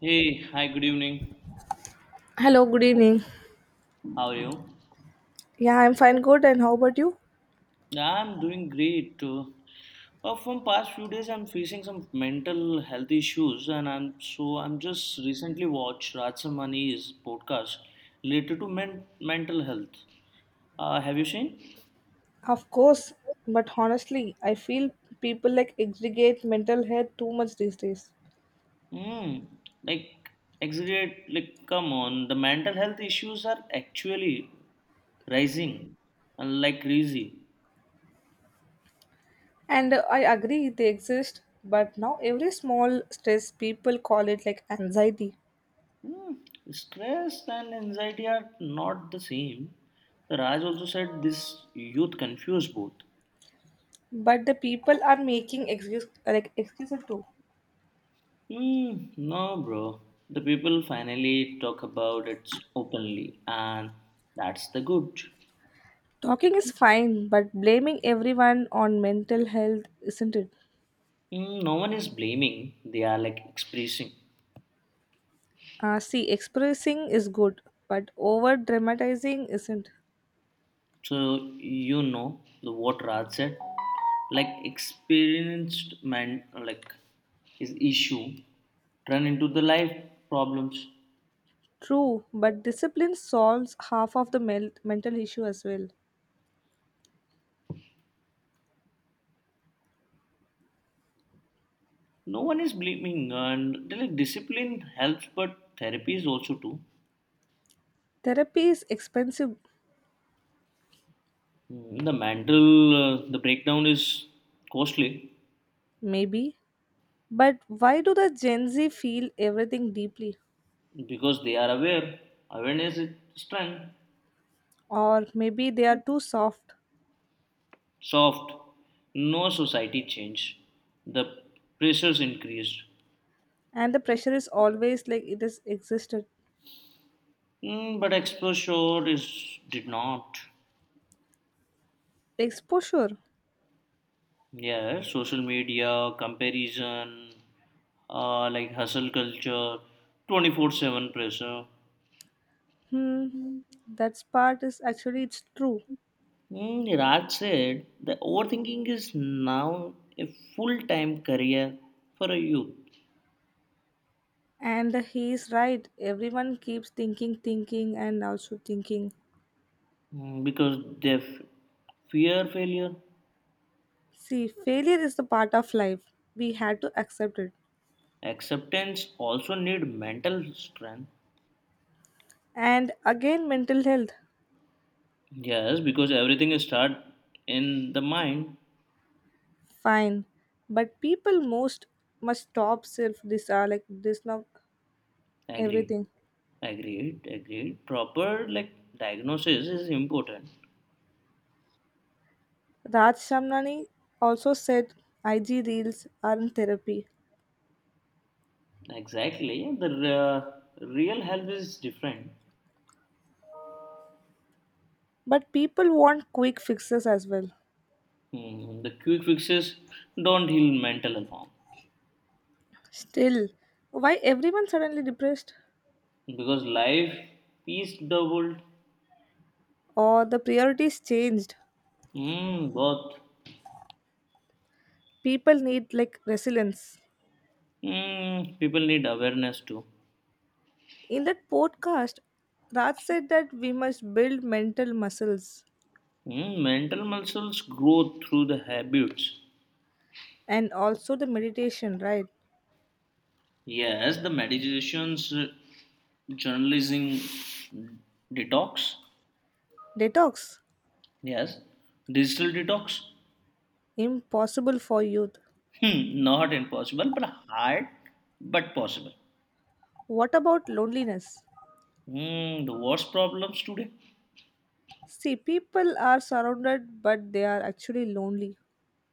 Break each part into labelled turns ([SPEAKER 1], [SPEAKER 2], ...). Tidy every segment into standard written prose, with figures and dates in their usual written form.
[SPEAKER 1] Hey, hi, good evening.
[SPEAKER 2] Hello, good evening.
[SPEAKER 1] How are you?
[SPEAKER 2] Yeah, I'm fine, good. And how about you?
[SPEAKER 1] I'm doing great. From past few days, I'm facing some mental health issues, and I'm just recently watched Rajsamani's podcast related to mental health. Have you seen?
[SPEAKER 2] Of course, but honestly, I feel people like exaggerate mental health too much these days.
[SPEAKER 1] Hmm. Like, exaggerate. Like, come on. The mental health issues are actually rising, and like crazy.
[SPEAKER 2] And I agree they exist, but now every small stress people call it like anxiety.
[SPEAKER 1] Hmm, stress and anxiety are not the same. The Raj also said this youth confuse both.
[SPEAKER 2] But the people are making excuse like excuses too.
[SPEAKER 1] Hmm, no, bro. The people finally talk about it openly, and that's the good.
[SPEAKER 2] Talking is fine, but blaming everyone on mental health isn't it?
[SPEAKER 1] Hmm, no one is blaming, they are like expressing.
[SPEAKER 2] See, expressing is good, but over dramatizing isn't.
[SPEAKER 1] So, you know, the what Raj said, like experienced man, like his issue turn into the life problems.
[SPEAKER 2] True, but discipline solves half of the mental issue as well.
[SPEAKER 1] No one is blaming, and the, like, discipline helps, but therapy is also too.
[SPEAKER 2] Therapy is expensive,
[SPEAKER 1] Mm, the mental, the breakdown is costly
[SPEAKER 2] maybe, but why do the Gen Z feel everything deeply?
[SPEAKER 1] because they are aware. Awareness is strength,
[SPEAKER 2] Or maybe they are too soft
[SPEAKER 1] soft. No society change. The pressures increased,
[SPEAKER 2] and the pressure is always like it has existed.
[SPEAKER 1] mm, but exposure is did not.
[SPEAKER 2] Exposure.
[SPEAKER 1] Yeah, social media comparison, like hustle culture, 24/7 pressure.
[SPEAKER 2] Hmm, that part is actually it's true.
[SPEAKER 1] Mm, Raj said the overthinking is now a full time career for a youth.
[SPEAKER 2] And he is right. Everyone keeps thinking, thinking, and also thinking.
[SPEAKER 1] Mm, because they fear failure.
[SPEAKER 2] See, failure is the part of life. We had to accept it.
[SPEAKER 1] Acceptance also need mental strength.
[SPEAKER 2] And again, mental health,
[SPEAKER 1] Yes, because everything is start in the mind.
[SPEAKER 2] fine, but people most must stop self this like this now
[SPEAKER 1] Agreed.
[SPEAKER 2] everything.
[SPEAKER 1] Agreed. Agreed. Proper like diagnosis is important.
[SPEAKER 2] Raj Shamnani also said IG reels are in therapy,
[SPEAKER 1] Exactly. The uh, real health is different.
[SPEAKER 2] but people want quick fixes as well.
[SPEAKER 1] Hmm, the quick fixes don't heal mental health.
[SPEAKER 2] Still, why everyone suddenly depressed?
[SPEAKER 1] Because life is doubled.
[SPEAKER 2] Or the priorities changed?
[SPEAKER 1] Mm, both.
[SPEAKER 2] People need like resilience.
[SPEAKER 1] Mm, people need awareness too.
[SPEAKER 2] In that podcast, Raj said that we must build mental muscles
[SPEAKER 1] Mm, mental muscles grow through the habits.
[SPEAKER 2] and also the meditation, right?
[SPEAKER 1] Yes, the meditations, journalism, detox.
[SPEAKER 2] Detox?
[SPEAKER 1] Yes, digital detox.
[SPEAKER 2] Impossible for youth.
[SPEAKER 1] Hmm, not impossible, but hard, but possible.
[SPEAKER 2] What about loneliness?
[SPEAKER 1] Hmm, the worst problems today.
[SPEAKER 2] See, people are surrounded, but they are actually lonely.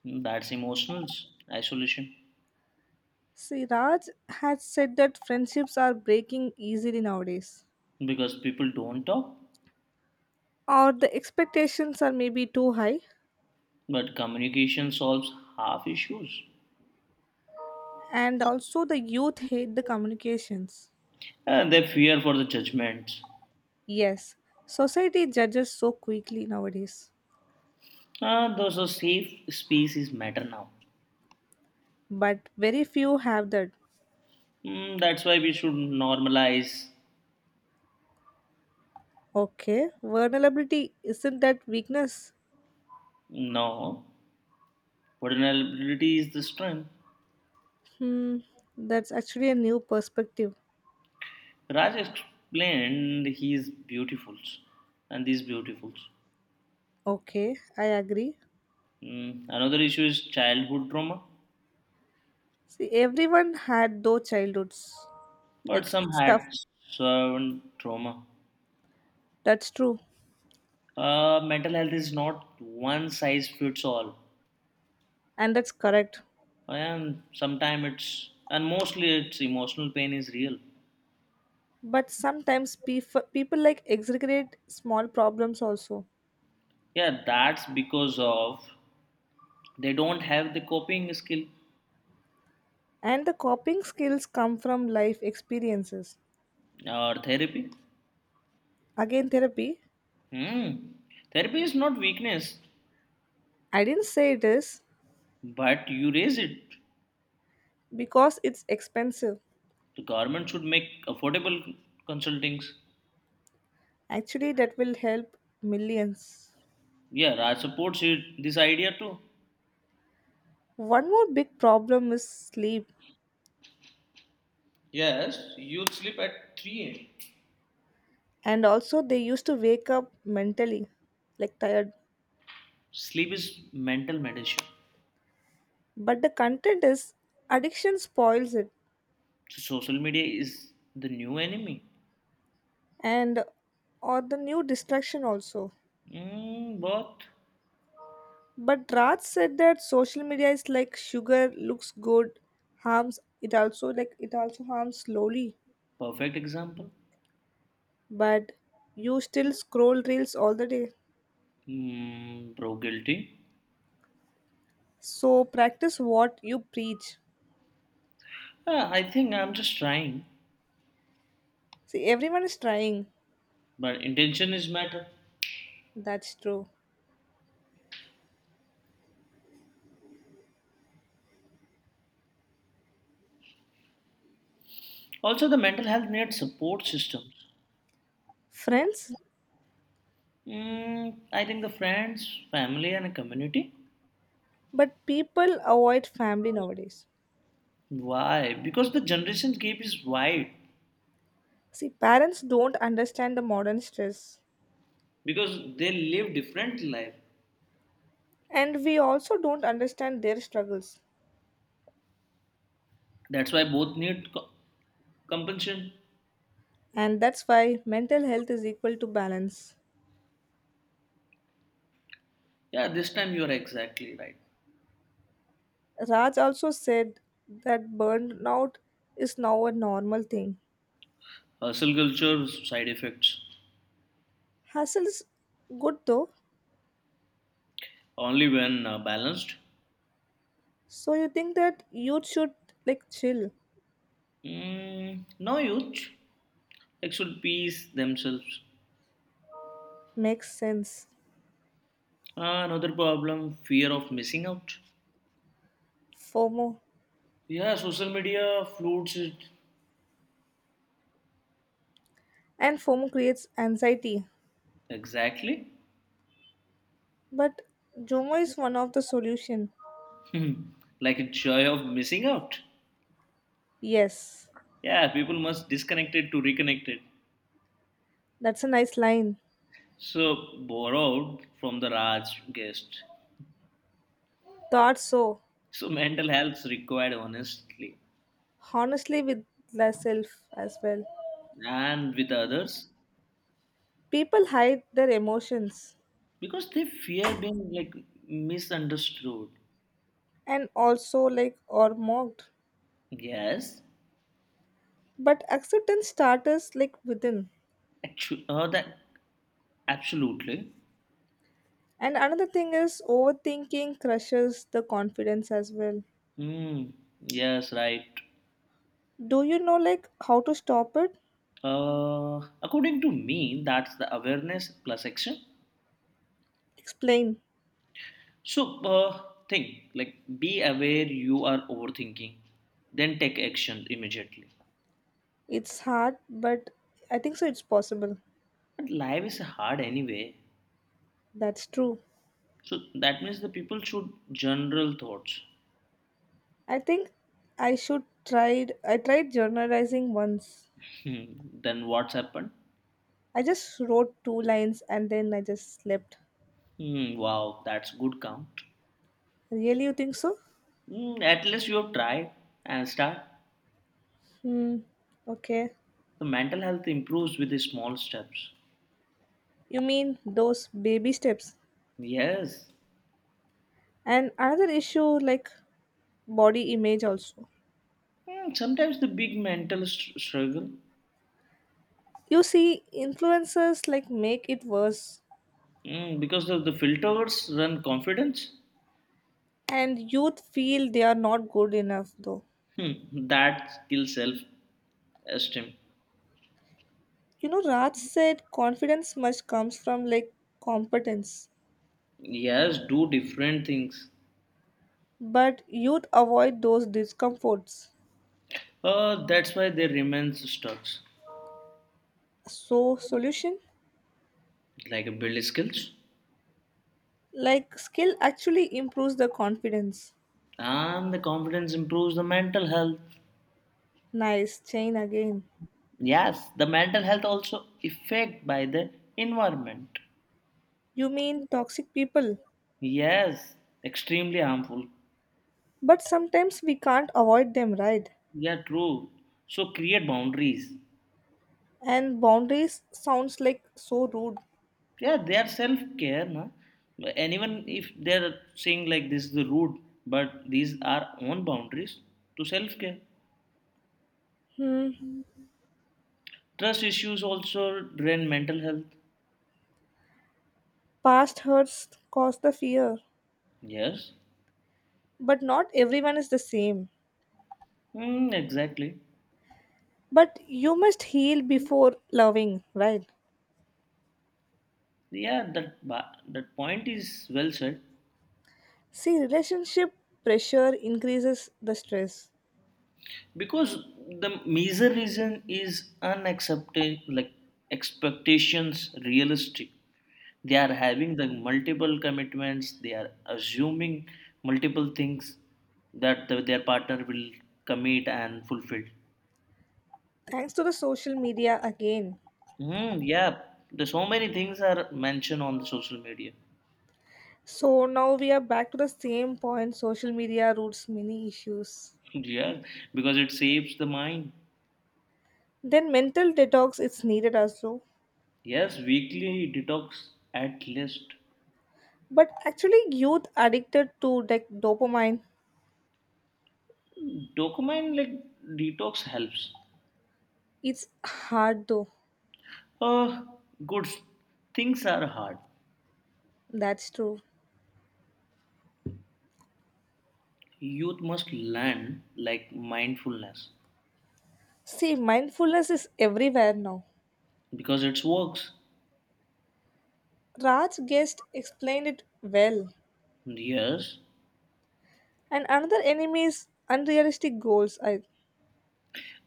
[SPEAKER 1] Hmm, that's emotional isolation
[SPEAKER 2] See, Raj has said that friendships are breaking easily nowadays,
[SPEAKER 1] because people don't talk.
[SPEAKER 2] or the expectations are maybe too high,
[SPEAKER 1] But communication solves half issues.
[SPEAKER 2] and also the youth hate the communications.
[SPEAKER 1] They fear for the judgments.
[SPEAKER 2] Yes, society judges so quickly nowadays,
[SPEAKER 1] Those are safe spaces matter now.
[SPEAKER 2] but very few have that.
[SPEAKER 1] Mm, that's why we should normalize.
[SPEAKER 2] Okay, vulnerability isn't that weakness?
[SPEAKER 1] No, vulnerability is the strength.
[SPEAKER 2] Hmm, that's actually a new perspective.
[SPEAKER 1] Raj explained he is beautiful, and these beautifuls.
[SPEAKER 2] Okay, I agree.
[SPEAKER 1] Mm, another issue is childhood trauma,
[SPEAKER 2] See, everyone had those childhoods.
[SPEAKER 1] but
[SPEAKER 2] Like,
[SPEAKER 1] some
[SPEAKER 2] it's tough.
[SPEAKER 1] had servant trauma.
[SPEAKER 2] That's true.
[SPEAKER 1] Mental health is not one size fits all.
[SPEAKER 2] And that's correct.
[SPEAKER 1] And sometimes it's and mostly it's emotional pain is real.
[SPEAKER 2] But sometimes people like exaggerate small problems also.
[SPEAKER 1] Yeah, that's because of they don't have the coping skill
[SPEAKER 2] And the coping skills come from life experiences.
[SPEAKER 1] or therapy.
[SPEAKER 2] Again, therapy.
[SPEAKER 1] Hmm, therapy is not weakness,
[SPEAKER 2] I didn't say it is
[SPEAKER 1] but you raise it.
[SPEAKER 2] because it's expensive.
[SPEAKER 1] The government should make affordable consultings.
[SPEAKER 2] Actually, that will help millions.
[SPEAKER 1] Yeah, Raj supports it, this idea too.
[SPEAKER 2] One more big problem is sleep.
[SPEAKER 1] Yes, youth sleep at 3 a.m.
[SPEAKER 2] And also they used to wake up mentally like tired,
[SPEAKER 1] Sleep is mental medicine.
[SPEAKER 2] but the content is addiction spoils it,
[SPEAKER 1] So social media is the new enemy,
[SPEAKER 2] and or the new distraction also.
[SPEAKER 1] mm, but
[SPEAKER 2] But Raj said that social media is like sugar, looks good, harms it also, like it also harms slowly.
[SPEAKER 1] perfect example.
[SPEAKER 2] But you still scroll reels all the day,
[SPEAKER 1] Mm, pro guilty.
[SPEAKER 2] so practice what you preach.
[SPEAKER 1] I think I'm just trying,
[SPEAKER 2] See, everyone is trying.
[SPEAKER 1] but intention is matter.
[SPEAKER 2] That's true.
[SPEAKER 1] Also, the mental health needs support systems.
[SPEAKER 2] Friends,
[SPEAKER 1] Mm, I think the friends, family, and a community.
[SPEAKER 2] but people avoid family nowadays.
[SPEAKER 1] Why? Because the generation gap is wide.
[SPEAKER 2] See, parents don't understand the modern stress,
[SPEAKER 1] Because they live different life.
[SPEAKER 2] and we also don't understand their struggles.
[SPEAKER 1] That's why both need compensation.
[SPEAKER 2] And that's why mental health is equal to balance.
[SPEAKER 1] Yeah, this time you are exactly right.
[SPEAKER 2] Raj also said that burnout is now a normal thing.
[SPEAKER 1] Hustle culture side effects
[SPEAKER 2] Hustle's good though,
[SPEAKER 1] only when balanced.
[SPEAKER 2] so you think that youth should like chill.
[SPEAKER 1] Mm, no youth. They should peace themselves.
[SPEAKER 2] Makes sense.
[SPEAKER 1] Ah, another problem fear of missing out.
[SPEAKER 2] FOMO.
[SPEAKER 1] Yeah, social media floods it.
[SPEAKER 2] And FOMO creates anxiety.
[SPEAKER 1] Exactly.
[SPEAKER 2] But Jomo is one of the solution.
[SPEAKER 1] Hmm. Like a joy of missing out.
[SPEAKER 2] Yes,
[SPEAKER 1] Yeah, people must disconnect it to reconnect it.
[SPEAKER 2] that's a nice line.
[SPEAKER 1] So, borrowed from the Raj guest.
[SPEAKER 2] Thought so.
[SPEAKER 1] So, mental health is required honestly
[SPEAKER 2] Honestly with myself as well.
[SPEAKER 1] and with others
[SPEAKER 2] People hide their emotions,
[SPEAKER 1] because they fear being like misunderstood.
[SPEAKER 2] and also like are mocked.
[SPEAKER 1] Yes,
[SPEAKER 2] But acceptance starts like within.
[SPEAKER 1] actually, that absolutely.
[SPEAKER 2] And another thing is overthinking crushes the confidence as well.
[SPEAKER 1] Hmm. Yes, right.
[SPEAKER 2] Do you know like how to stop it?
[SPEAKER 1] According to me, that's the awareness plus action.
[SPEAKER 2] Explain.
[SPEAKER 1] So, think like be aware you are overthinking, then take action immediately.
[SPEAKER 2] It's hard, but I think so it's possible.
[SPEAKER 1] But life is hard anyway.
[SPEAKER 2] That's true.
[SPEAKER 1] So, that means the people should general thoughts.
[SPEAKER 2] I think I tried journalizing once.
[SPEAKER 1] Hmm, then what's happened?
[SPEAKER 2] I just wrote two lines and then I just slept.
[SPEAKER 1] Hmm, wow, that's good count.
[SPEAKER 2] Really, you think so?
[SPEAKER 1] Hmm, at least you have tried and start.
[SPEAKER 2] Hmm. Okay.
[SPEAKER 1] The mental health improves with the small steps.
[SPEAKER 2] You mean those baby steps?
[SPEAKER 1] Yes.
[SPEAKER 2] And another issue like body image also.
[SPEAKER 1] Hmm, sometimes the big mental struggle.
[SPEAKER 2] You see, influencers like make it worse,
[SPEAKER 1] Mm, because the filters run confidence.
[SPEAKER 2] and youth feel they are not good enough though.
[SPEAKER 1] Hmm, that kills self esteem.
[SPEAKER 2] You know, Raj said confidence much comes from like competence,
[SPEAKER 1] Yes, do different things.
[SPEAKER 2] but youth avoid those discomforts.
[SPEAKER 1] That's why they remain stuck.
[SPEAKER 2] So, solution
[SPEAKER 1] Like a build skills.
[SPEAKER 2] like skill actually improves the confidence.
[SPEAKER 1] And the confidence improves the mental health.
[SPEAKER 2] Nice chain again.
[SPEAKER 1] Yes, the mental health also affected by the environment.
[SPEAKER 2] You mean toxic people?
[SPEAKER 1] Yes, extremely harmful.
[SPEAKER 2] But sometimes we can't avoid them, right?
[SPEAKER 1] Yeah, true. So create boundaries.
[SPEAKER 2] And boundaries sounds like so rude.
[SPEAKER 1] Yeah, they are self-care na? Anyone if they're saying like this is the route, but these are own boundaries to self-care.
[SPEAKER 2] Hmm.
[SPEAKER 1] Trust issues also drain mental health.
[SPEAKER 2] Past hurts cause the fear.
[SPEAKER 1] Yes.
[SPEAKER 2] But not everyone is the same.
[SPEAKER 1] Mm, exactly.
[SPEAKER 2] But you must heal before loving, right?
[SPEAKER 1] Yeah, that that point is well said.
[SPEAKER 2] See, relationship pressure increases the stress.
[SPEAKER 1] Because the major reason is unaccepted like expectations realistic, they are having the multiple commitments, they are assuming multiple things that their partner will commit and fulfill.
[SPEAKER 2] Thanks to the social media again.
[SPEAKER 1] Hmm. Yeah, there's so many things are mentioned on the social media.
[SPEAKER 2] So now we are back to the same point social media roots many issues.
[SPEAKER 1] Yeah, because it saves the mind.
[SPEAKER 2] Then mental detox is needed also.
[SPEAKER 1] Yes, weekly detox at least.
[SPEAKER 2] But actually, youth addicted to like dopamine,
[SPEAKER 1] Dopamine like detox helps.
[SPEAKER 2] it's hard though.
[SPEAKER 1] Uh, Good. Things are hard.
[SPEAKER 2] That's true.
[SPEAKER 1] Youth must learn like mindfulness
[SPEAKER 2] See, mindfulness is everywhere now.
[SPEAKER 1] because it works.
[SPEAKER 2] Raj Guest explained it well.
[SPEAKER 1] Yes.
[SPEAKER 2] And another enemy is unrealistic goals. I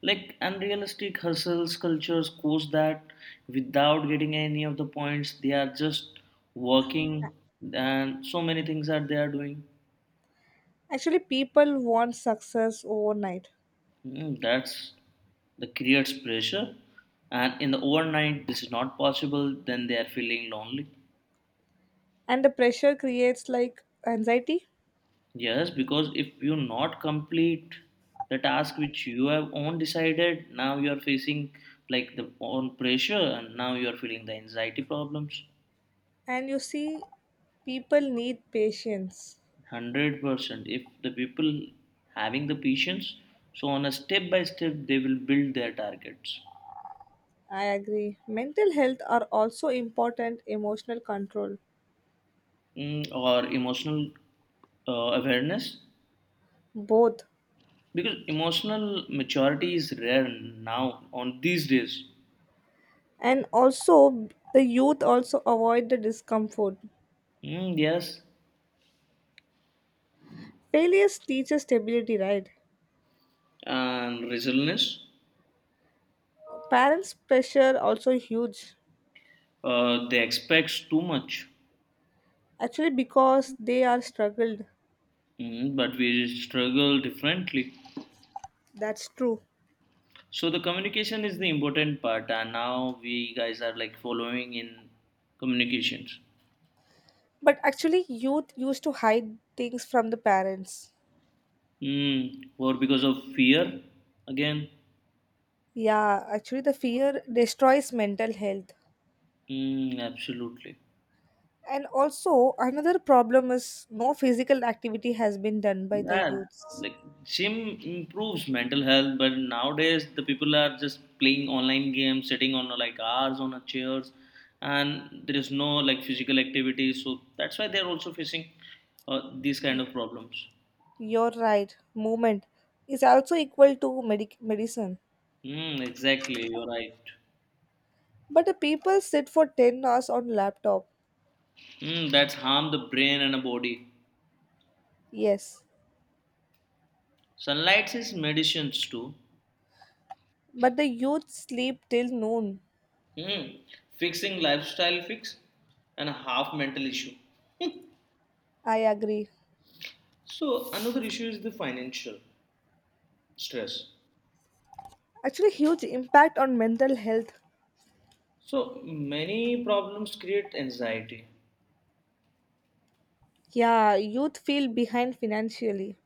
[SPEAKER 1] Like unrealistic hustles cultures coach that without getting any of the points, they are just working and so many things that they are doing.
[SPEAKER 2] actually people want success overnight,
[SPEAKER 1] Mm, that's that creates pressure. And in the overnight, this is not possible, then they are feeling lonely.
[SPEAKER 2] and the pressure creates like anxiety.
[SPEAKER 1] Yes, because if you not complete the task which you have own decided, now you are facing like the own pressure and now you are feeling the anxiety problems.
[SPEAKER 2] And you see, people need patience.
[SPEAKER 1] 100% if the people having the patience, so on a step by step they will build their targets.
[SPEAKER 2] I agree. Mental health are also important emotional control.
[SPEAKER 1] Mm, or emotional awareness
[SPEAKER 2] Both,
[SPEAKER 1] because emotional maturity is rare now on these days.
[SPEAKER 2] and also the youth also avoid the discomfort.
[SPEAKER 1] Mm, yes,
[SPEAKER 2] Failures teaches stability, right?
[SPEAKER 1] and resilience.
[SPEAKER 2] Parents pressure also huge,
[SPEAKER 1] They expect too much,
[SPEAKER 2] actually because they are struggled.
[SPEAKER 1] mm, but we struggle differently.
[SPEAKER 2] That's true,
[SPEAKER 1] So the communication is the important part, and now we guys are like following in communications.
[SPEAKER 2] but actually youth used to hide things from the parents.
[SPEAKER 1] Mm, or because of fear again?
[SPEAKER 2] Yeah, actually the fear destroys mental health,
[SPEAKER 1] Mm, absolutely.
[SPEAKER 2] and also another problem is no physical activity has been done by the
[SPEAKER 1] Yeah,
[SPEAKER 2] youths.
[SPEAKER 1] like gym improves mental health, but nowadays the people are just playing online games, sitting on like hours on a chairs, and there is no like physical activity. So that's why they're also facing these kind
[SPEAKER 2] Y-
[SPEAKER 1] of problems.
[SPEAKER 2] you're right, movement is also equal to medicine.
[SPEAKER 1] Mm, exactly, you're right.
[SPEAKER 2] But the people sit for 10 hours on laptop.
[SPEAKER 1] Mm, that's harm the brain and the body.
[SPEAKER 2] Yes.
[SPEAKER 1] Sunlight is medicines too.
[SPEAKER 2] But the youth sleep till noon.
[SPEAKER 1] Mm, fixing lifestyle fix and a half mental issue.
[SPEAKER 2] I agree.
[SPEAKER 1] So another issue is the financial stress.
[SPEAKER 2] Actually huge impact on mental health.
[SPEAKER 1] So many problems create anxiety.
[SPEAKER 2] Yeah, youth feel behind financially.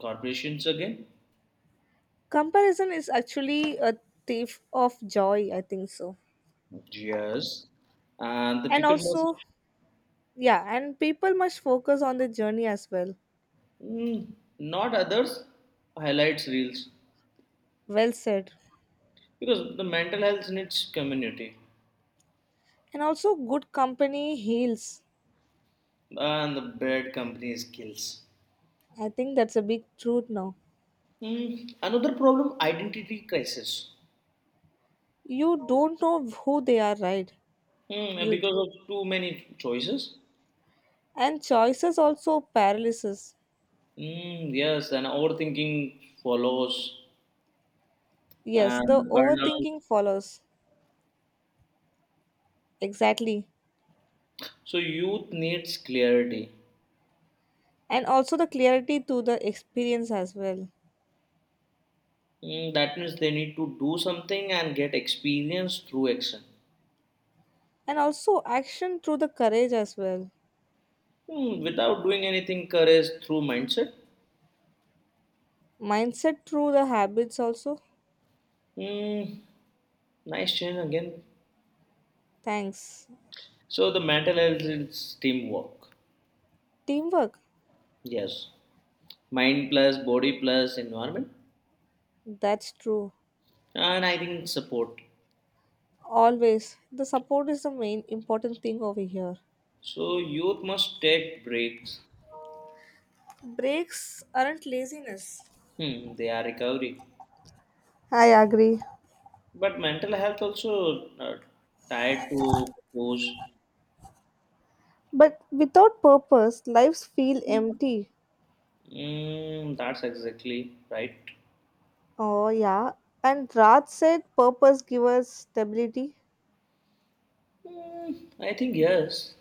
[SPEAKER 1] Corporations again,
[SPEAKER 2] Comparison is actually a thief of joy, I think so.
[SPEAKER 1] yes, and the
[SPEAKER 2] And
[SPEAKER 1] people who
[SPEAKER 2] also, yeah, and people must focus on the journey as well.
[SPEAKER 1] mm, not others highlights reels
[SPEAKER 2] Well said.
[SPEAKER 1] because the mental health needs community
[SPEAKER 2] And also good company heals.
[SPEAKER 1] and the bad companies kills.
[SPEAKER 2] I think that's a big truth now.
[SPEAKER 1] Mm, another problem identity crisis,
[SPEAKER 2] You don't know who they are, right?
[SPEAKER 1] mm,
[SPEAKER 2] Youth.
[SPEAKER 1] because of too many choices.
[SPEAKER 2] And choices also paralysis.
[SPEAKER 1] Mm, yes, and overthinking follows
[SPEAKER 2] Yes, the
[SPEAKER 1] and burnout.
[SPEAKER 2] overthinking follows. Exactly.
[SPEAKER 1] So youth needs clarity.
[SPEAKER 2] And also the clarity through the experience as well.
[SPEAKER 1] Mm, that means they need to do something and get experience through action.
[SPEAKER 2] And also action through the courage as well.
[SPEAKER 1] Hmm, without doing anything, courage through mindset.
[SPEAKER 2] Mindset through the habits also.
[SPEAKER 1] Hmm, nice change again.
[SPEAKER 2] Thanks.
[SPEAKER 1] So the mental health is teamwork.
[SPEAKER 2] Teamwork.
[SPEAKER 1] Yes, mind plus body plus environment,
[SPEAKER 2] That's true.
[SPEAKER 1] and I think support.
[SPEAKER 2] Always. The support is the main important thing over here.
[SPEAKER 1] So youth must take breaks.
[SPEAKER 2] Breaks aren't laziness.
[SPEAKER 1] Hmm, they are recovery,
[SPEAKER 2] I agree.
[SPEAKER 1] but mental health also tied to those.
[SPEAKER 2] But without purpose, lives feel empty.
[SPEAKER 1] Mm, that's exactly right.
[SPEAKER 2] Oh, yeah. And Raj said purpose gives us stability.
[SPEAKER 1] Mm, I think yes.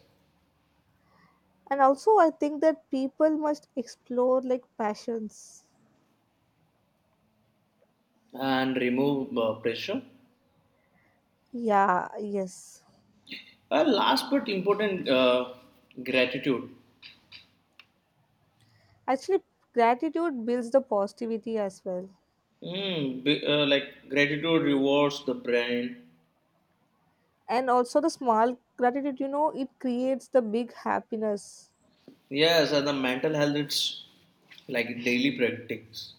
[SPEAKER 2] And also, I think that people must explore like passions.
[SPEAKER 1] And remove pressure.
[SPEAKER 2] Yeah, yes.
[SPEAKER 1] Last but important, gratitude.
[SPEAKER 2] Actually, gratitude builds the positivity as well.
[SPEAKER 1] Mm, be, like gratitude rewards the brain.
[SPEAKER 2] And also, the small gratitude, you know, it creates the big happiness.
[SPEAKER 1] Yes, and the mental health. It's like daily practice,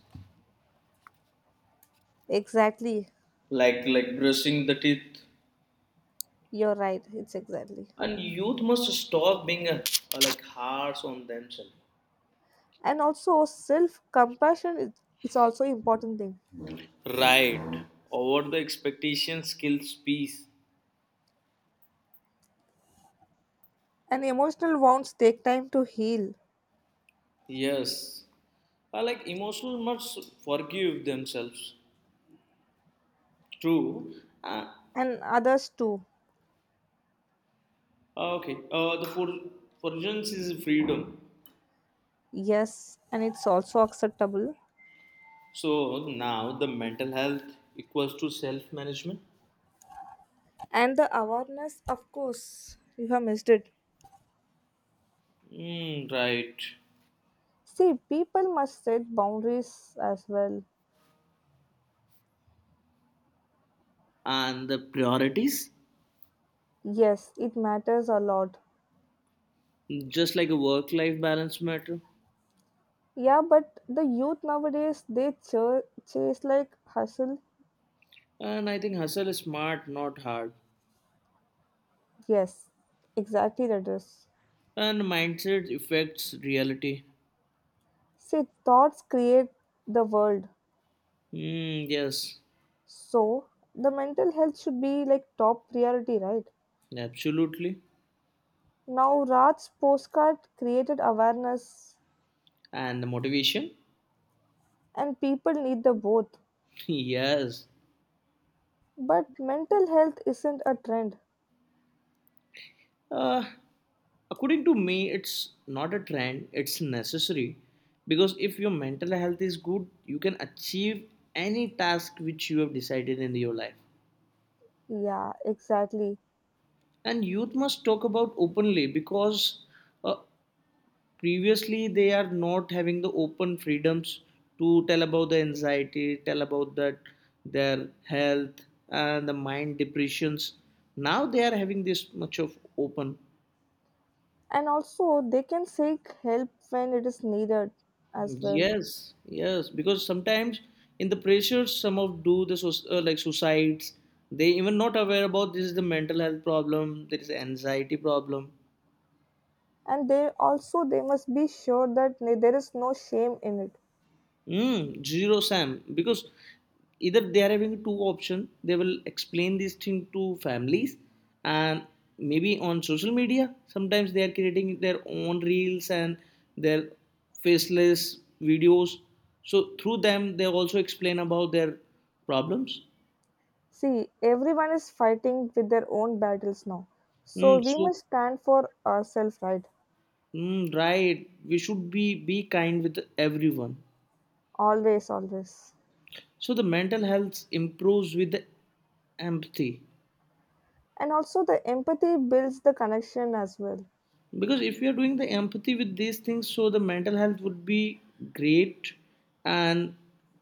[SPEAKER 2] Exactly.
[SPEAKER 1] like brushing the teeth.
[SPEAKER 2] You're right. It's exactly.
[SPEAKER 1] And youth must stop being like harsh on themselves.
[SPEAKER 2] And also, self compassion is also important thing.
[SPEAKER 1] Right. Over the expectation skills peace.
[SPEAKER 2] And emotional wounds take time to heal,
[SPEAKER 1] Yes. Like emotional must forgive themselves. True. Uh,
[SPEAKER 2] and others too.
[SPEAKER 1] Okay, the for forgence is freedom.
[SPEAKER 2] Yes, and it's also acceptable.
[SPEAKER 1] So now the mental health equals to self management.
[SPEAKER 2] And the awareness, of course, you have missed it.
[SPEAKER 1] Mm, right.
[SPEAKER 2] See, people must set boundaries as well.
[SPEAKER 1] And the priorities,
[SPEAKER 2] Yes, it matters a lot.
[SPEAKER 1] just like a work life balance matter.
[SPEAKER 2] Yeah, but the youth nowadays they chase like hustle.
[SPEAKER 1] And I think hustle is smart, not hard.
[SPEAKER 2] Yes, exactly that is.
[SPEAKER 1] And mindset affects reality.
[SPEAKER 2] See, thoughts create the world.
[SPEAKER 1] Mm, yes,
[SPEAKER 2] So the mental health should be like top priority, right?
[SPEAKER 1] absolutely.
[SPEAKER 2] Now Raj's postcard created awareness
[SPEAKER 1] And the motivation,
[SPEAKER 2] and people need the both.
[SPEAKER 1] yes.
[SPEAKER 2] But mental health isn't a trend.
[SPEAKER 1] Uh, According to me, it's not a trend, it's necessary because if your mental health is good, you can achieve any task which you have decided in your life.
[SPEAKER 2] Yeah, exactly.
[SPEAKER 1] And youth must talk about openly because uh, previously they are not having the open freedoms to tell about the anxiety, tell about that their health and the mind depressions. Now they are having this much of open.
[SPEAKER 2] And also they can seek help when it is needed as well.
[SPEAKER 1] Yes, yes, because sometimes in the pressure, some of do the like suicides. They even not aware about this is the mental health problem. There is anxiety problem.
[SPEAKER 2] And they also they must be sure that there is no shame in it.
[SPEAKER 1] Mm, zero Sam, because either they are having two option. They will explain this thing to families, and maybe on social media. Sometimes they are creating their own reels and their faceless videos. So through them, they also explain about their problems.
[SPEAKER 2] See, everyone is fighting with their own battles now. So
[SPEAKER 1] Mm,
[SPEAKER 2] we
[SPEAKER 1] so,
[SPEAKER 2] must stand for ourselves, right?
[SPEAKER 1] mm, right. We should be kind with everyone.
[SPEAKER 2] Always, always.
[SPEAKER 1] So the mental health improves with the empathy.
[SPEAKER 2] And also the empathy builds the connection as well.
[SPEAKER 1] Because if we are doing the empathy with these things, so the mental health would be great, and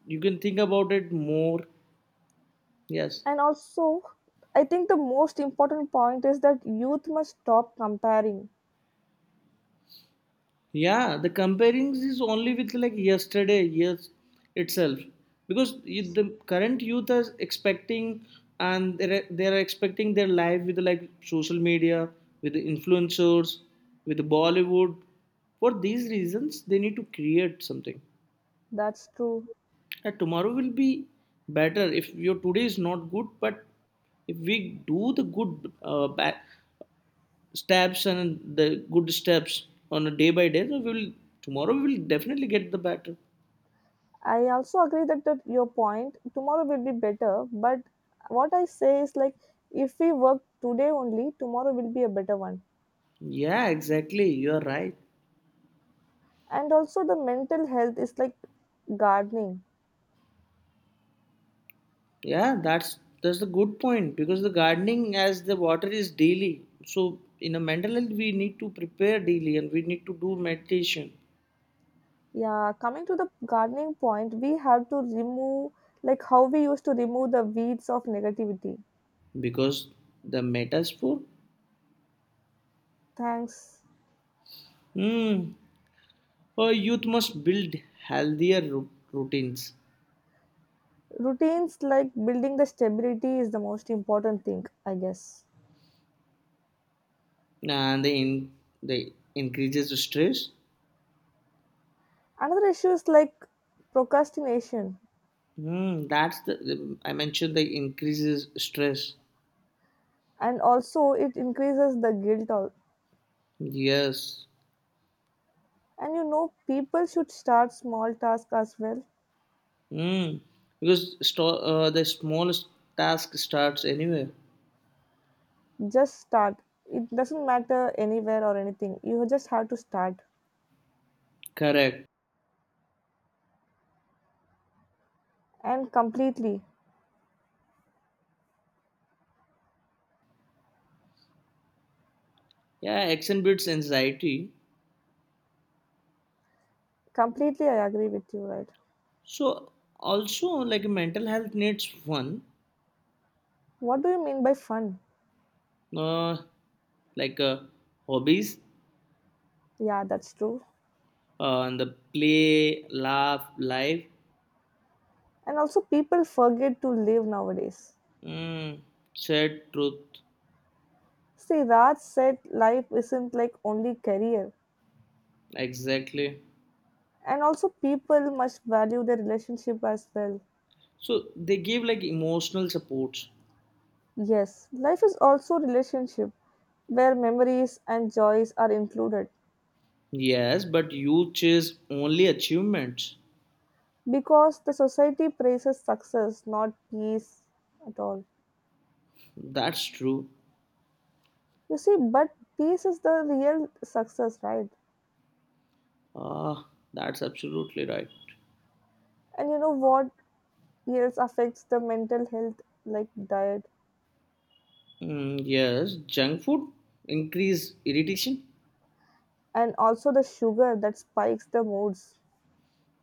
[SPEAKER 1] you can think about it more. Yes.
[SPEAKER 2] And also, I think the most important point is that youth must stop comparing.
[SPEAKER 1] Yeah, the comparing is only with like yesterday, years itself, because the current youth is expecting, and they're expecting their life with like social media, with the influencers, with the Bollywood. For these reasons, they need to create something.
[SPEAKER 2] That's true.
[SPEAKER 1] And tomorrow will be better if your today is not good, but if we do the good back steps and the good steps on a day by day, so we'll tomorrow we will definitely get the better.
[SPEAKER 2] I also agree that, that your point tomorrow will be better, but what I say is like if we work today only, tomorrow will be a better one.
[SPEAKER 1] Yeah, exactly, you are right.
[SPEAKER 2] And also, the mental health is like gardening.
[SPEAKER 1] Yeah, that's the good point because the gardening as the water is daily, so in a mental health we need to prepare daily and we need to do meditation
[SPEAKER 2] Yeah, coming to the gardening point, we have to remove like how we used to remove the weeds of negativity.
[SPEAKER 1] because the metaphor.
[SPEAKER 2] Thanks.
[SPEAKER 1] Hmm, a youth must build healthier routines
[SPEAKER 2] Routines like building the stability is the most important thing, I guess.
[SPEAKER 1] and the in the increases the stress.
[SPEAKER 2] Another issue is like procrastination,
[SPEAKER 1] Mm, that's the I mentioned the increases stress.
[SPEAKER 2] and also it increases the guilt. All
[SPEAKER 1] Yes.
[SPEAKER 2] and you know people should start small tasks as well.
[SPEAKER 1] Mm, because the smallest task starts anywhere.
[SPEAKER 2] Just start, it doesn't matter anywhere or anything, you just have to start
[SPEAKER 1] Correct.
[SPEAKER 2] and completely
[SPEAKER 1] Yeah, action beats anxiety.
[SPEAKER 2] completely I agree with you, right?
[SPEAKER 1] So also like mental health needs fun,
[SPEAKER 2] What do you mean by fun?
[SPEAKER 1] uh, like hobbies,
[SPEAKER 2] Yeah, that's true.
[SPEAKER 1] and the play, laugh, life,
[SPEAKER 2] And also people forget to live nowadays.
[SPEAKER 1] mm, said truth
[SPEAKER 2] See, Raj said life isn't like only career,
[SPEAKER 1] exactly.
[SPEAKER 2] and also people must value their relationship as well.
[SPEAKER 1] So they give like emotional supports.
[SPEAKER 2] Yes, life is also relationship where memories and joys are included,
[SPEAKER 1] Yes, but you chase only achievements.
[SPEAKER 2] because the society praises success, not peace at all.
[SPEAKER 1] That's true.
[SPEAKER 2] You see, but peace is the real success, right?
[SPEAKER 1] Ah, that's absolutely right.
[SPEAKER 2] And you know what else affects the mental health, like diet,
[SPEAKER 1] Mm, yes, junk food increase irritation.
[SPEAKER 2] and also the sugar that spikes the moods.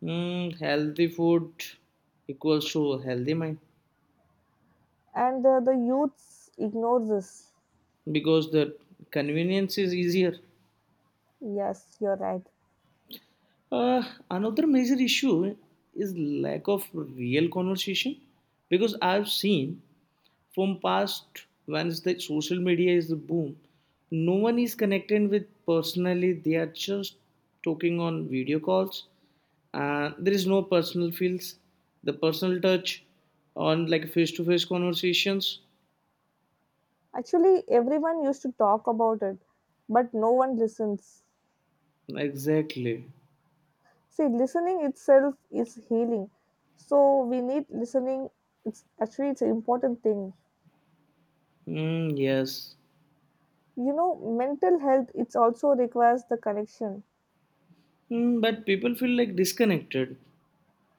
[SPEAKER 1] Mm, healthy food equals to healthy mind
[SPEAKER 2] And the youths ignore this.
[SPEAKER 1] because the convenience is easier.
[SPEAKER 2] Yes, you're right.
[SPEAKER 1] Uh, Another major issue is lack of real conversation because I've seen from past once the social media is the boom, no one is connected with personally, they are just talking on video calls. There is no personal feels, the personal touch on like face-to-face conversations.
[SPEAKER 2] Actually everyone used to talk about it, but no one listens.
[SPEAKER 1] Exactly.
[SPEAKER 2] See, listening itself is healing, so we need listening, it's actually it's an important thing.
[SPEAKER 1] Mm, yes.
[SPEAKER 2] You know mental health it's also requires the connection.
[SPEAKER 1] Mm, but people feel like disconnected.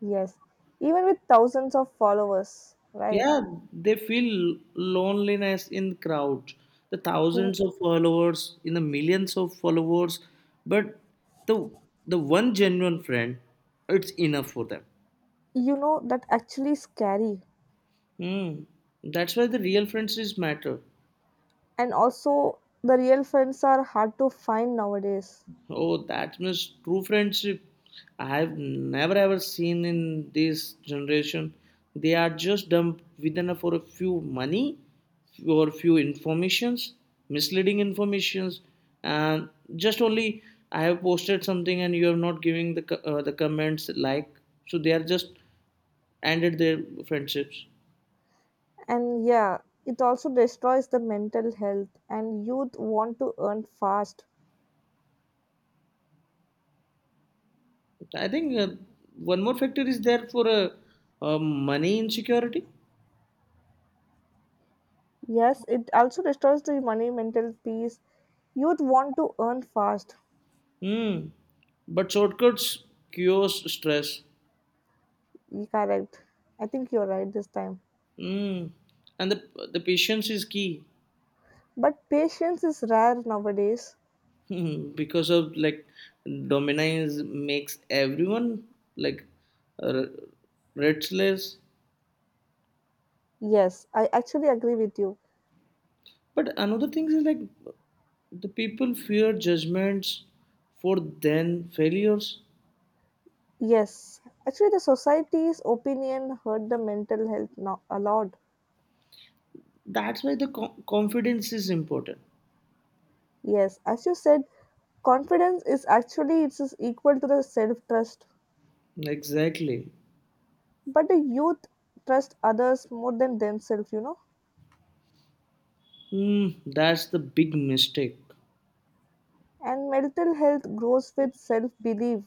[SPEAKER 2] Yes, even with thousands of followers, right?
[SPEAKER 1] Yeah, they feel loneliness in crowd. The
[SPEAKER 2] you,
[SPEAKER 1] thousands of followers, in the millions of followers, but the the one genuine friend, it's enough for them.
[SPEAKER 2] you know that actually scary.
[SPEAKER 1] Hmm. That's why the real friendships matter.
[SPEAKER 2] And also the real friends are hard to find nowadays.
[SPEAKER 1] Oh, that means true friendship. I've never ever seen in this generation. They are just dumped within a, for a few money, for a few informations, misleading informations, and just only I have posted something and you are not giving the the comments like. So they are just ended their friendships.
[SPEAKER 2] And yeah, it also destroys the mental health, and youth want to earn fast.
[SPEAKER 1] I think one more factor is there for money insecurity.
[SPEAKER 2] Yes, it also destroys the money, mental peace. Youth want to earn fast.
[SPEAKER 1] Mm. But shortcuts cures stress.
[SPEAKER 2] Correct. I think you're right this time.
[SPEAKER 1] Mm. And the patience is key.
[SPEAKER 2] But patience is rare nowadays.
[SPEAKER 1] Hmm. Because of like dominance makes everyone like uh, restless.
[SPEAKER 2] Yes, I actually agree with you.
[SPEAKER 1] But another thing is like the people fear judgments for then failures.
[SPEAKER 2] Yes, actually, the society's opinion hurt the mental health now a lot.
[SPEAKER 1] That's why the confidence is important.
[SPEAKER 2] Yes, as you said, confidence is actually it's is equal to the self trust.
[SPEAKER 1] Exactly.
[SPEAKER 2] But the youth trust others more than themselves, you know.
[SPEAKER 1] Mm, that's the big mistake.
[SPEAKER 2] And mental health grows with self belief.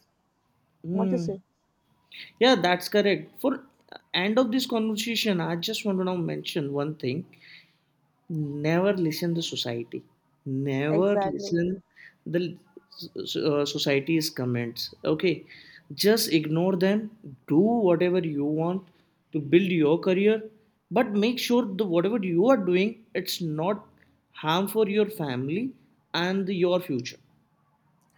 [SPEAKER 2] What you
[SPEAKER 1] Hmm.
[SPEAKER 2] say?
[SPEAKER 1] Yeah, that's correct. For end of this conversation, I just want to now mention one thing. Never listen to society. Never
[SPEAKER 2] Exactly.
[SPEAKER 1] listen the society's comments. Okay, just ignore them. Do whatever you want to build your career, but make sure the whatever you are doing, it's not harm for your family and your future.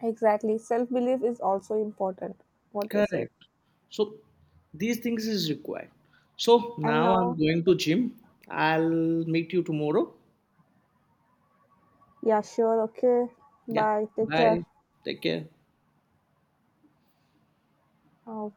[SPEAKER 2] Exactly. Self belief is also important. What you say?
[SPEAKER 1] Correct. So these things is required. So
[SPEAKER 2] And
[SPEAKER 1] now I'm
[SPEAKER 2] now,
[SPEAKER 1] going to gym. I'll meet you tomorrow.
[SPEAKER 2] yeah, sure, okay.
[SPEAKER 1] Yeah.
[SPEAKER 2] Bye. Take care.
[SPEAKER 1] Bye. Take care.
[SPEAKER 2] Uh,